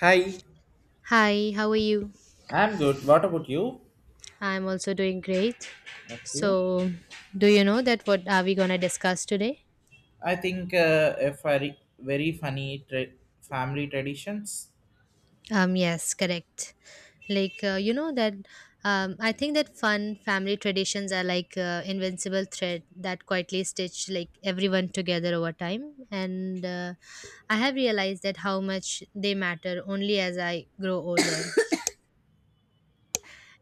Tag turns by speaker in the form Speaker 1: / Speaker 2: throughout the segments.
Speaker 1: Hi.
Speaker 2: Hi, how are you?
Speaker 1: I'm good. What about you?
Speaker 2: I'm also doing great.
Speaker 1: Okay.
Speaker 2: So, do you know that what are we going to discuss today?
Speaker 1: I think a very funny family traditions.
Speaker 2: Yes, correct. Like you know that I think that fun family traditions are like invincible thread that quietly stitch like everyone together over time and I have realized that how much they matter only as I grow older.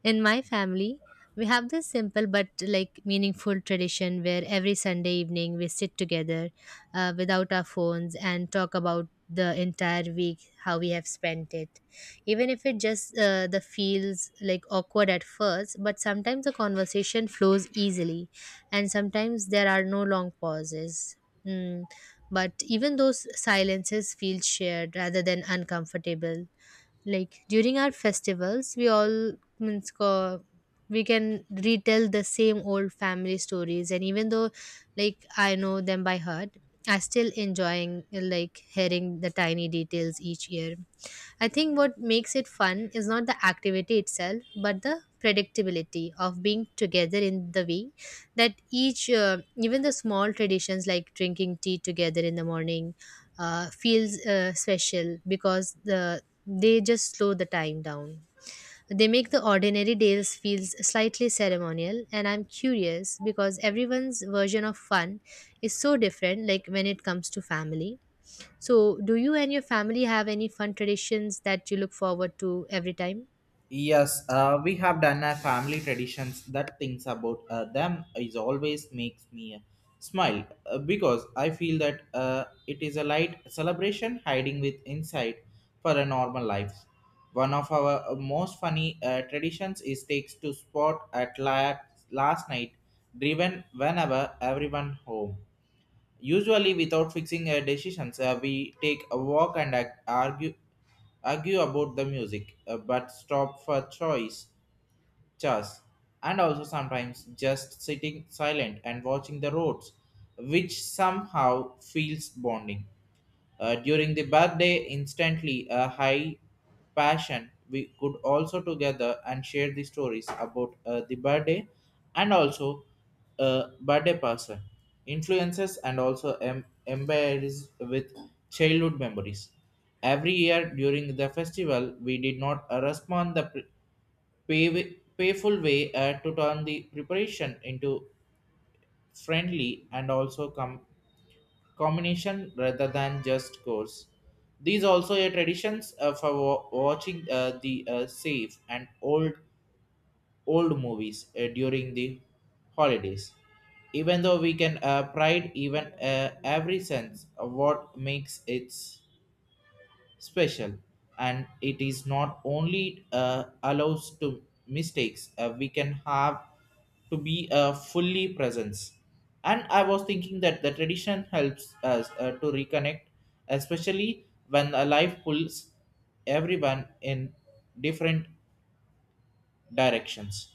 Speaker 2: In my family, we have this simple but like meaningful tradition where every Sunday evening we sit together without our phones and talk about the entire week how we have spent it, even if it just the feels like awkward at first, but sometimes the conversation flows easily and sometimes there are no long pauses. mm. But even those silences feel shared rather than uncomfortable. Like during our festivals we all means co- we can retell the same old family stories, and even though like I know them by heart, I still enjoying like hearing the tiny details each year. I think what makes it fun is not the activity itself, but the predictability of being together in the way that each, even the small traditions like drinking tea together in the morning, feels special because they just slow the time down. They make the ordinary days feel slightly ceremonial, and I'm curious because everyone's version of fun is so different, like when it comes to family. So, do you and your family have any fun traditions that you look forward to every time?
Speaker 1: Yes, we have done a family traditions. That things about them is always makes me smile because I feel that it is a light celebration hiding with insight for a normal life. One of our most funny traditions is takes to spot at last night, driven whenever everyone home. Usually, without fixing decisions, we take a walk and argue about the music, but stop for choice, chas, and also sometimes just sitting silent and watching the roads, which somehow feels bonding. During the birthday, instantly a high passion, we could also together and share the stories about the birthday and also birthday person, influences and also embarrassed with childhood memories. Every year during the festival, we did not respond the payful way to turn the preparation into friendly and also combination rather than just course. These also are traditions for watching the safe and old movies during the holidays. Even though we can pride even every sense of what makes it special, and it is not only allows to mistakes we can have to be fully presence, and I was thinking that the tradition helps us to reconnect, especially when a life pulls everyone in different directions.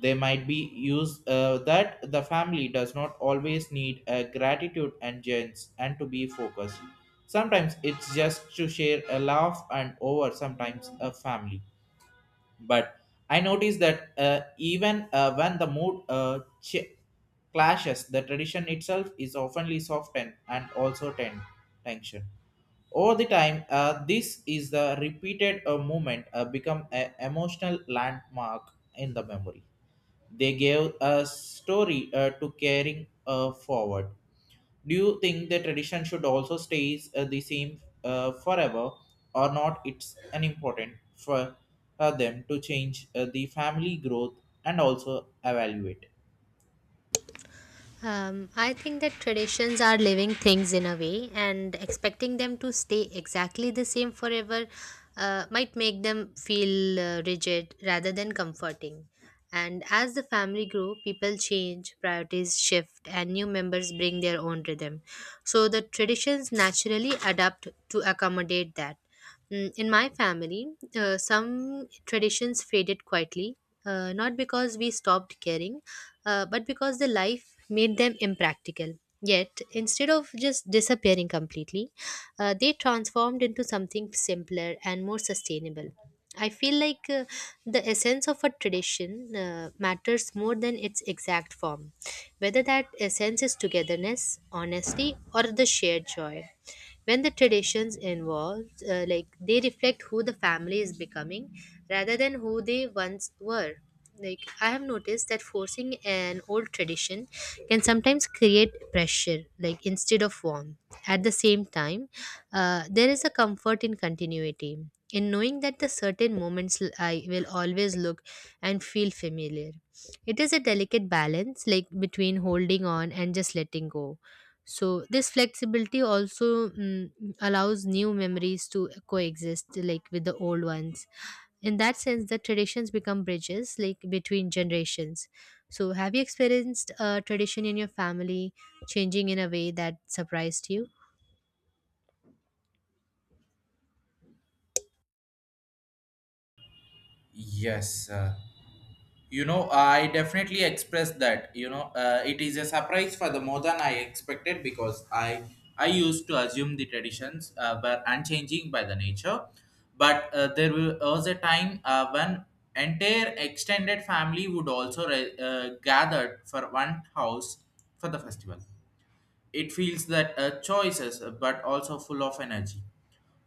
Speaker 1: They might be used that the family does not always need a gratitude and gents and to be focused. Sometimes it's just to share a laugh and over sometimes a family. But I noticed that even when the mood clashes, the tradition itself is oftenly softened and also tension. Over the time, this is the repeated movement become an emotional landmark in the memory. They gave a story to carrying forward. Do you think the tradition should also stay the same forever, or not? It's an important for them to change the family growth and also evaluate.
Speaker 2: I think that traditions are living things in a way, and expecting them to stay exactly the same forever might make them feel rigid rather than comforting. And as the family grow, people change, priorities shift, and new members bring their own rhythm. So the traditions naturally adapt to accommodate that. Mm. In my family, some traditions faded quietly, not because we stopped caring but because the life made them impractical. Yet, instead of just disappearing completely, they transformed into something simpler and more sustainable. I feel like the essence of a tradition matters more than its exact form, whether that essence is togetherness, honesty, or the shared joy when the traditions involved, like they reflect who the family is becoming rather than who they once were. Like I have noticed that forcing an old tradition can sometimes create pressure, like instead of warmth. At the same time, there is a comfort in continuity, in knowing that the certain moments I will always look and feel familiar. It is a delicate balance, like between holding on and just letting go. So this flexibility also, allows new memories to coexist like with the old ones. In that sense the traditions become bridges, like between generations. So have you experienced a tradition in your family changing in a way that surprised you?
Speaker 1: Yes, you know, I definitely expressed that. You know, it is a surprise for the more than I expected, because I used to assume the traditions were unchanging by the nature, but there was a time when entire extended family would also gathered for one house for the festival. It feels that choices, but also full of energy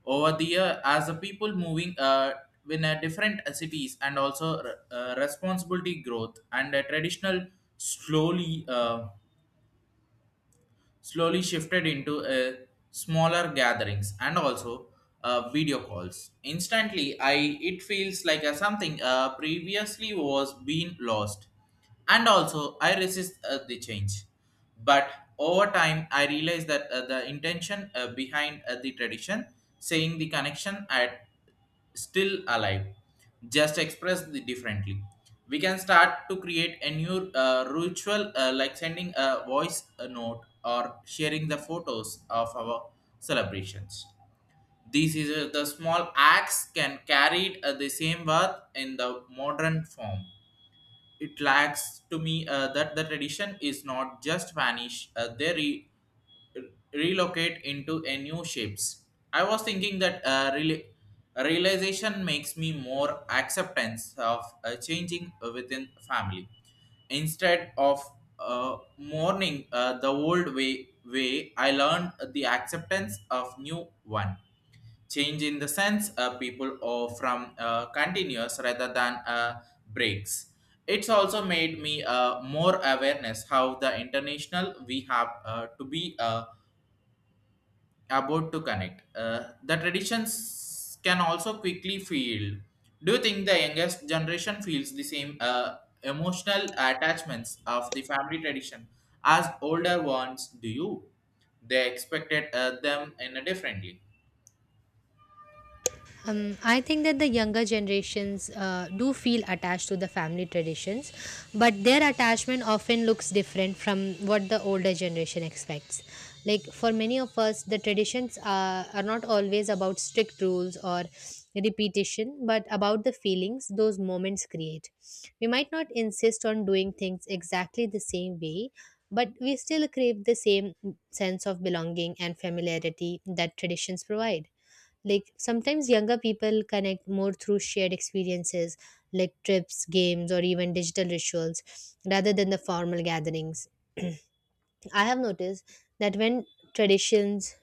Speaker 1: over the year as the people moving in a different cities, and also responsibility growth and a traditional slowly uh, slowly shifted into a smaller gatherings and also video calls. Instantly, I it feels like a something previously was being lost, and also I resist the change. But over time, I realized that the intention behind the tradition, saying the connection at still alive, just expressed differently. We can start to create a new ritual like sending a voice a note or sharing the photos of our celebrations. These is the small acts can carry the same worth in the modern form. It lacks to me that the tradition is not just vanish, they relocate into a new shapes. I was thinking that realization makes me more acceptance of changing within family, instead of mourning the old way, I learned the acceptance of new one. Change in the sense people or from continuous rather than breaks. It's also made me more awareness how the international we have to be about to connect the traditions can also quickly feel. Do you think the youngest generation feels the same emotional attachments of the family tradition as older ones do, you they expected them in a differently?
Speaker 2: I think that the younger generations do feel attached to the family traditions, but their attachment often looks different from what the older generation expects. Like for many of us, the traditions are not always about strict rules or repetition, but about the feelings those moments create. We might not insist on doing things exactly the same way, but we still crave the same sense of belonging and familiarity that traditions provide. Like sometimes younger people connect more through shared experiences, like trips, games, or even digital rituals, rather than the formal gatherings. i have noticed that when traditions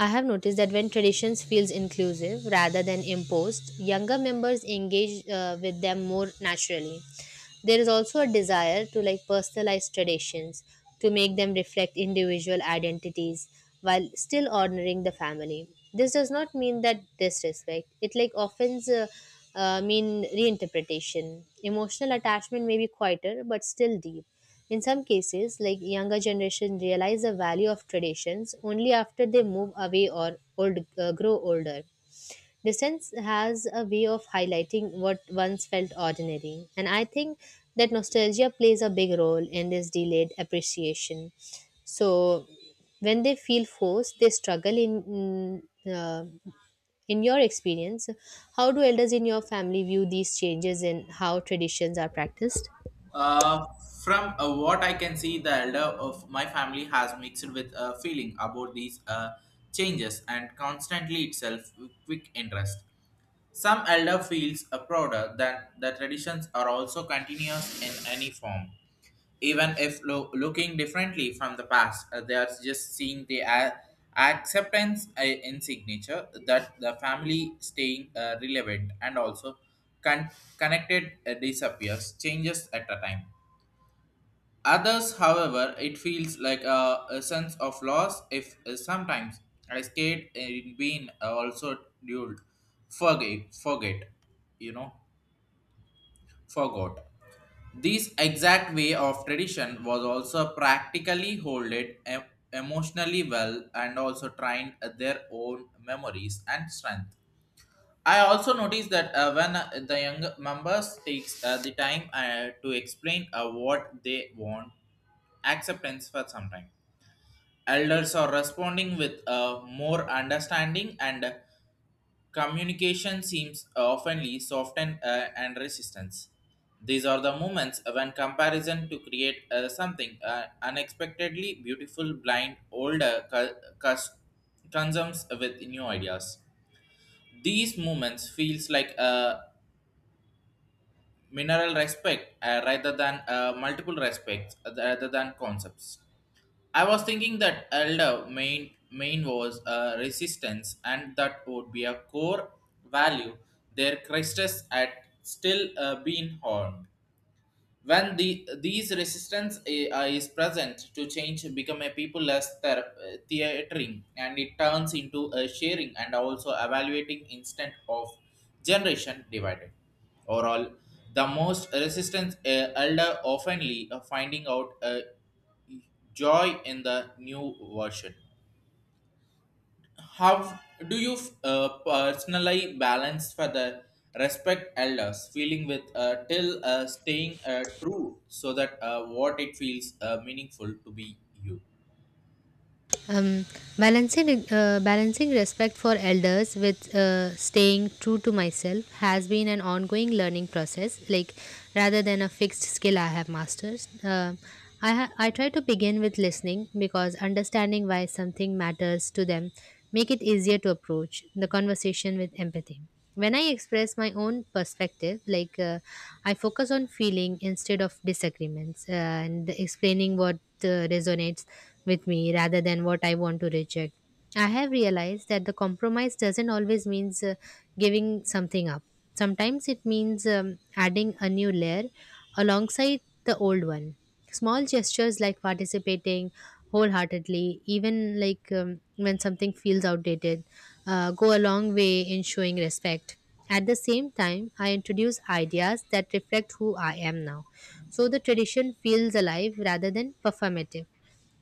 Speaker 2: I have noticed that when traditions feels inclusive rather than imposed, younger members engage with them more naturally. There is also a desire to like personalize traditions, to make them reflect individual identities while still honoring the family. This does not mean that disrespect. It like often mean reinterpretation. Emotional attachment may be quieter but still deep. In some cases, like younger generation realize the value of traditions only after they move away or old grow older. Distance has a way of highlighting what once felt ordinary, and I think that nostalgia plays a big role in this delayed appreciation. So, when they feel forced, they struggle in. Uh, in your experience, how do elders in your family view these changes in how traditions are practiced?
Speaker 1: Uh, from what I can see, the elder of my family has mixed with a feeling about these changes, and constantly itself with quick interest. Some elder feels prouder that the traditions are also continuous in any form, even if looking differently from the past. Uh, they are just seeing the acceptance in signature that the family staying relevant and also con- connected disappears changes at a time. Others, however, it feels like a sense of loss if sometimes I scared in being also duelled. Forget, forget, you know, forgot. This exact way of tradition was also practically holded emotionally well and also trained their own memories and strength. I also noticed that when the young members takes the time to explain what they want acceptance for some time. Elders are responding with more understanding, and communication seems oftenly softened and resistance. These are the moments when comparison to create something unexpectedly beautiful, blind, older consumes with new ideas. These moments feels like a mineral respect rather than multiple respects rather than concepts. I was thinking that elder main was resistance, and that would be a core value. Their Christus had still been hard when the these resistance is present to change, become a people less theatering, and it turns into a sharing and also evaluating instant of generation divided. Overall, the most resistance elder oftenly finding out joy in the new version. How do you personally balance for the respect elders feeling with till staying true so that what it feels meaningful to be you?
Speaker 2: Um, Balancing respect for elders with staying true to myself has been an ongoing learning process. Like rather than a fixed skill I have mastered. I try to begin with listening because understanding why something matters to them make it easier to approach the conversation with empathy. When I express my own perspective, like I focus on feeling instead of disagreements and explaining what resonates with me rather than what I want to reject. I have realized that the compromise doesn't always means giving something up. Sometimes it means adding a new layer alongside the old one. Small gestures like participating wholeheartedly, even like when something feels outdated, go a long way in showing respect. At the same time, I introduce ideas that reflect who I am now. So the tradition feels alive rather than performative.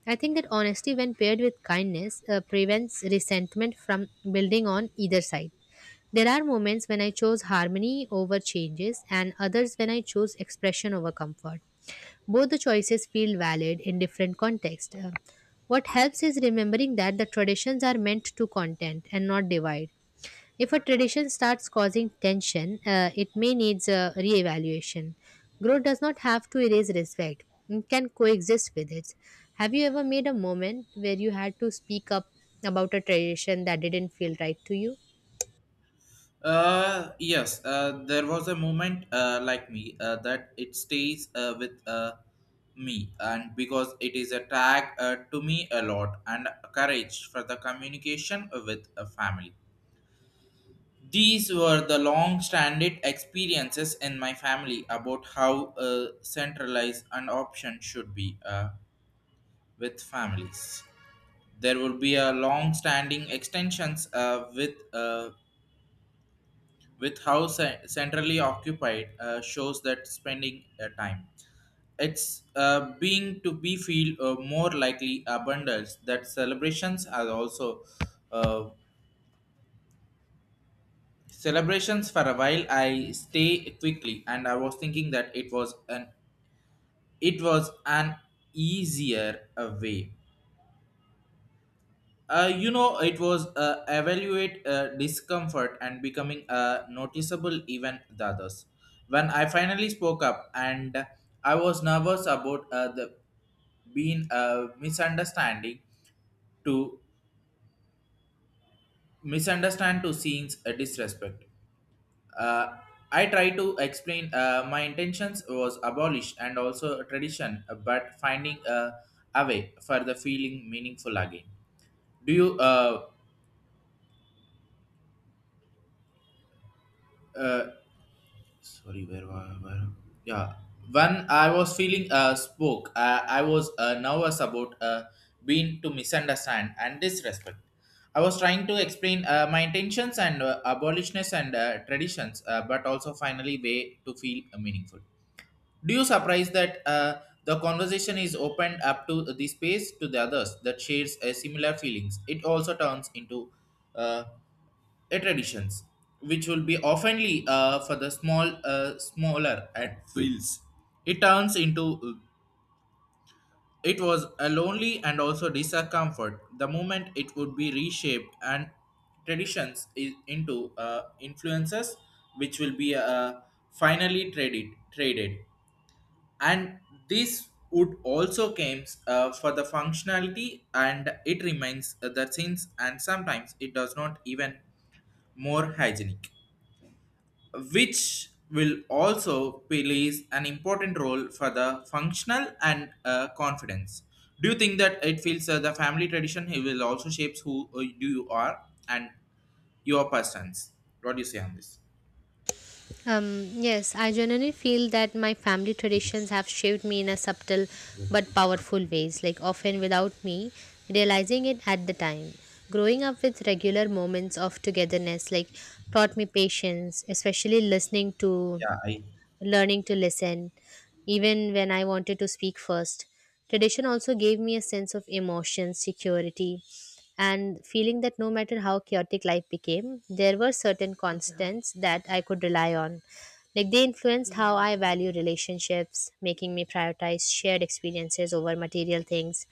Speaker 2: I think that honesty, when paired with kindness, prevents resentment from building on either side. There are moments when I chose harmony over changes, and others when I chose expression over comfort. Both the choices feel valid in different contexts. What helps is remembering that the traditions are meant to content and not divide. If a tradition starts causing tension, it may needs a reevaluation. Growth does not have to erase respect; it can coexist with it. Have you ever made a moment where you had to speak up about a tradition that didn't feel right to you?
Speaker 1: Yes, there was a moment like me that it stays with me, and because it is a tag to me a lot, and courage for the communication with a family. These were the long standing experiences in my family about how centralized an option should be with families. There will be a long standing extensions with how centrally occupied shows that spending time. It's being to be feel more likely abundance that celebrations are also uh, celebrations for a while. I stay quickly, and I was thinking that it was an easier way. Uh, you know, it was evaluate discomfort and becoming noticeable even the others. When I finally spoke up, and I was nervous about the being a misunderstanding to misunderstand, to seeing a disrespect, uh, I tried to explain my intentions was abolish and also a tradition but finding a way for the feeling meaningful again. Do you uh sorry, where were where yeah, when I was feeling spoke, I was nervous about being to misunderstand and disrespect. I was trying to explain my intentions and abolitionists and traditions, but also finally way to feel meaningful. Do you surprise that the conversation is opened up to the space to the others that shares similar feelings? It also turns into uh, traditions which will be oftenly for the small smaller and fields. It turns into it was a lonely and also discomfort. The moment it would be reshaped and traditions is into influences which will be finally traded, and this would also comes for the functionality, and it remains the things, and sometimes it does not even more hygienic, which will also plays an important role for the functional and confidence. Do you think that it feels the family tradition, it will also shapes who do you are and your persons? What do you say on this?
Speaker 2: Yes, I generally feel that my family traditions have shaped me in a subtle but powerful ways, like often without me realizing it at the time. Growing up with regular moments of togetherness, like taught me patience, especially listening to
Speaker 1: Yeah, I
Speaker 2: learning to listen, even when I wanted to speak first. Tradition also gave me a sense of emotion, security, and feeling that no matter how chaotic life became, there were certain constants that I could rely on. Like they influenced how I value relationships, making me prioritize shared experiences over material things.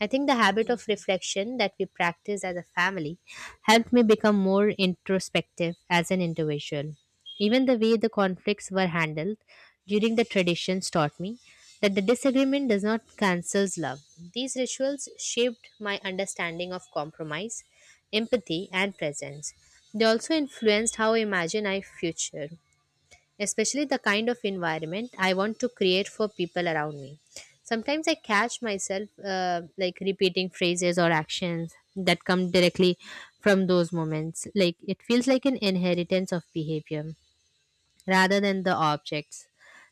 Speaker 2: I think the habit of reflection that we practice as a family helped me become more introspective as an individual. Even the way the conflicts were handled during the traditions taught me that the disagreement does not cancel love. These rituals shaped my understanding of compromise, empathy, and presence. They also influenced how I imagine my future, especially the kind of environment I want to create for people around me. Sometimes I catch myself like repeating phrases or actions that come directly from those moments. Like it feels like an inheritance of behavior rather than the objects.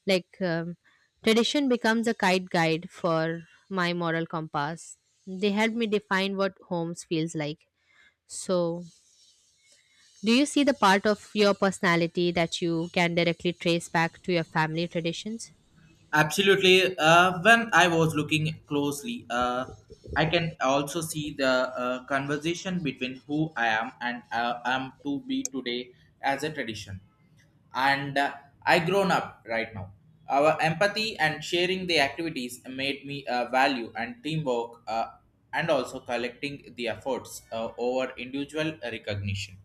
Speaker 2: Like tradition becomes a kite guide for my moral compass. They help me define what homes feels like. So, do you see the part of your personality that you can directly trace back to your family traditions?
Speaker 1: absolutely. When I was looking closely, I can also see the conversation between who I am and am to be today as a tradition. And I grown up right now. Our empathy and sharing the activities made me value and teamwork, and also collecting the efforts over individual recognition.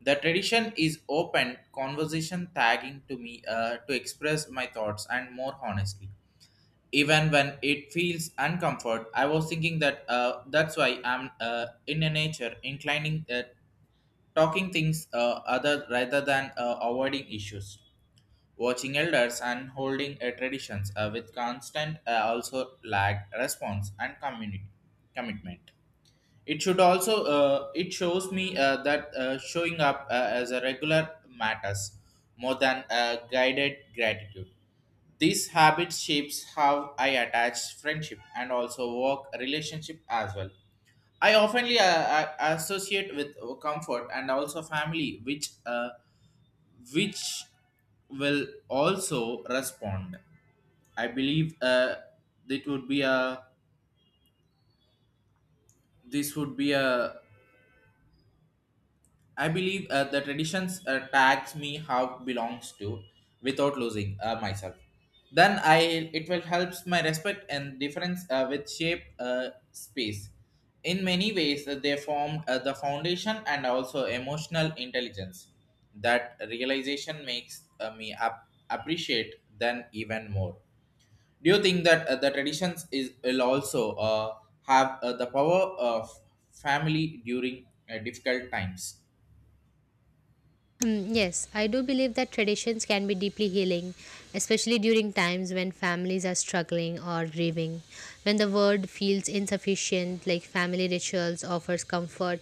Speaker 1: The tradition is open conversation tagging to me to express my thoughts and more honestly. Even when it feels uncomfort, I was thinking that that's why I'm in a nature inclining talking things other rather than avoiding issues. Watching elders and holding traditions with constant, also lag response and community commitment. It should also it shows me that showing up as a regular matters more than guided gratitude. This habit shapes how I attach friendship and also work relationship as well. I oftenly associate with comfort and also family, which will also respond. I believe it would be a this would be a I believe the traditions tags me how belongs to without losing myself. Then I it will helps my respect and difference with shape space. In many ways, they formed the foundation and also emotional intelligence. That realization makes me appreciate them even more. Do you think that the traditions is will also have the power of family during difficult times?
Speaker 2: Hmm, yes, I do believe that traditions can be deeply healing, especially during times when families are struggling or grieving. When the world feels insufficient, like family rituals offers comfort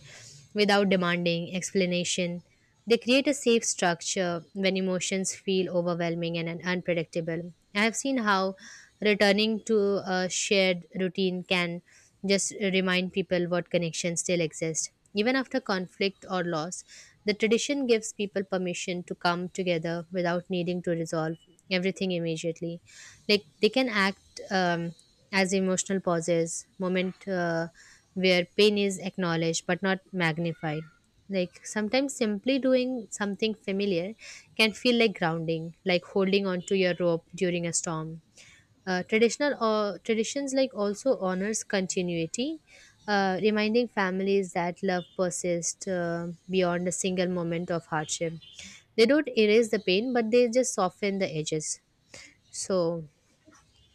Speaker 2: without demanding explanation. They create a safe structure when emotions feel overwhelming and unpredictable. I have seen how returning to a shared routine can just remind people what connections still exist. Even after conflict or loss, the tradition gives people permission to come together without needing to resolve everything immediately. Like they can act as emotional pauses, moment where pain is acknowledged but not magnified. Like sometimes simply doing something familiar can feel like grounding, like holding onto your rope during a storm. Traditional Traditions, like, also honors continuity, reminding families that love persists beyond a single moment of hardship. They don't erase the pain, but they just soften the edges. So,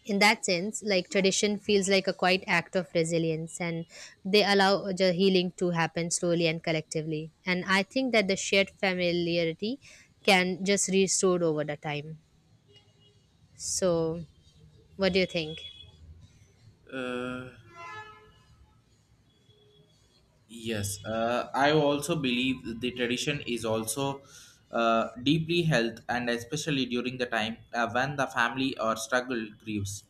Speaker 2: in that sense, like tradition feels like a quiet act of resilience, and they allow the healing to happen slowly and collectively. And I think that the shared familiarity can just restore over the time. So, what do you think?
Speaker 1: Uh, yes, I also believe the tradition is also deeply held, and especially during the time when the family or struggle grieves.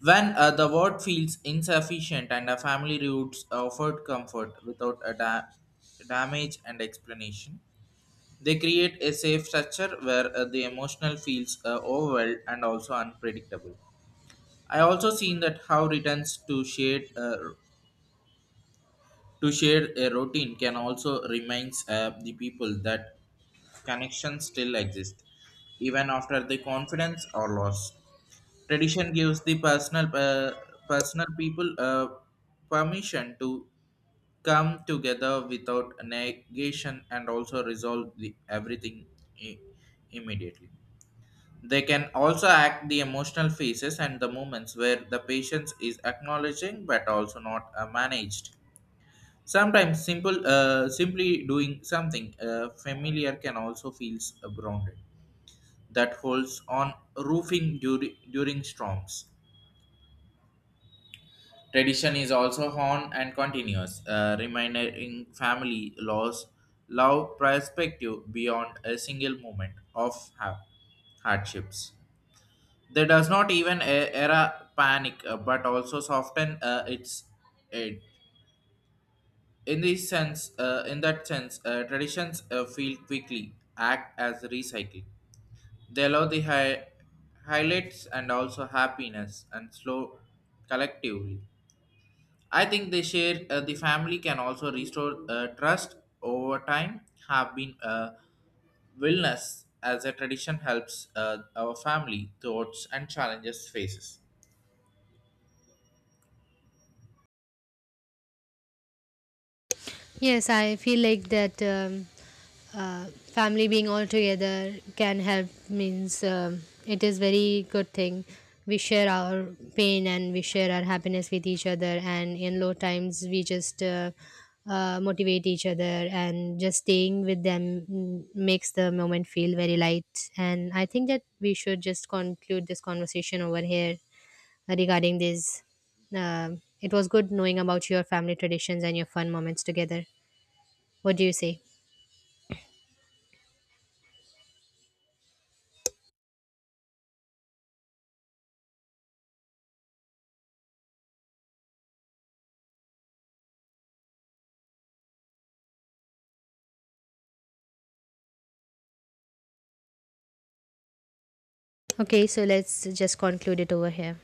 Speaker 1: When the word feels insufficient, and a family roots offered comfort without a damage and explanation, they create a safe structure where the emotional feels overwhelmed and also unpredictable. I also seen that how returns to share a routine can also reminds the people that connections still exist, even after the confidence or loss. Tradition gives the personal personal people permission to come together without negation and also resolve the everything i- immediately. They can also act the emotional phases and the moments where the patience is acknowledging but also not managed. Sometimes simply doing something familiar can also feels grounded. That holds on roofing during storms. Tradition is also on and continuous, reminding family laws, love perspective beyond a single moment of ha- hardships. That does not even era panic, but also soften its edge. In that sense, traditions feel quickly act as recycling. They allow the highlights and also happiness and slow collectively. I think they share the family can also restore trust over time. Have been wellness as a tradition helps our family thoughts and challenges faces.
Speaker 2: Yes, I feel like that family being all together can help. Means it is very good thing. We share our pain and we share our happiness with each other, and in low times we just motivate each other, and just staying with them, makes the moment feel very light. And I think that we should just conclude this conversation over here regarding this. It was good knowing about your family traditions and your fun moments together. What do you say? Okay, so let's just conclude it over here.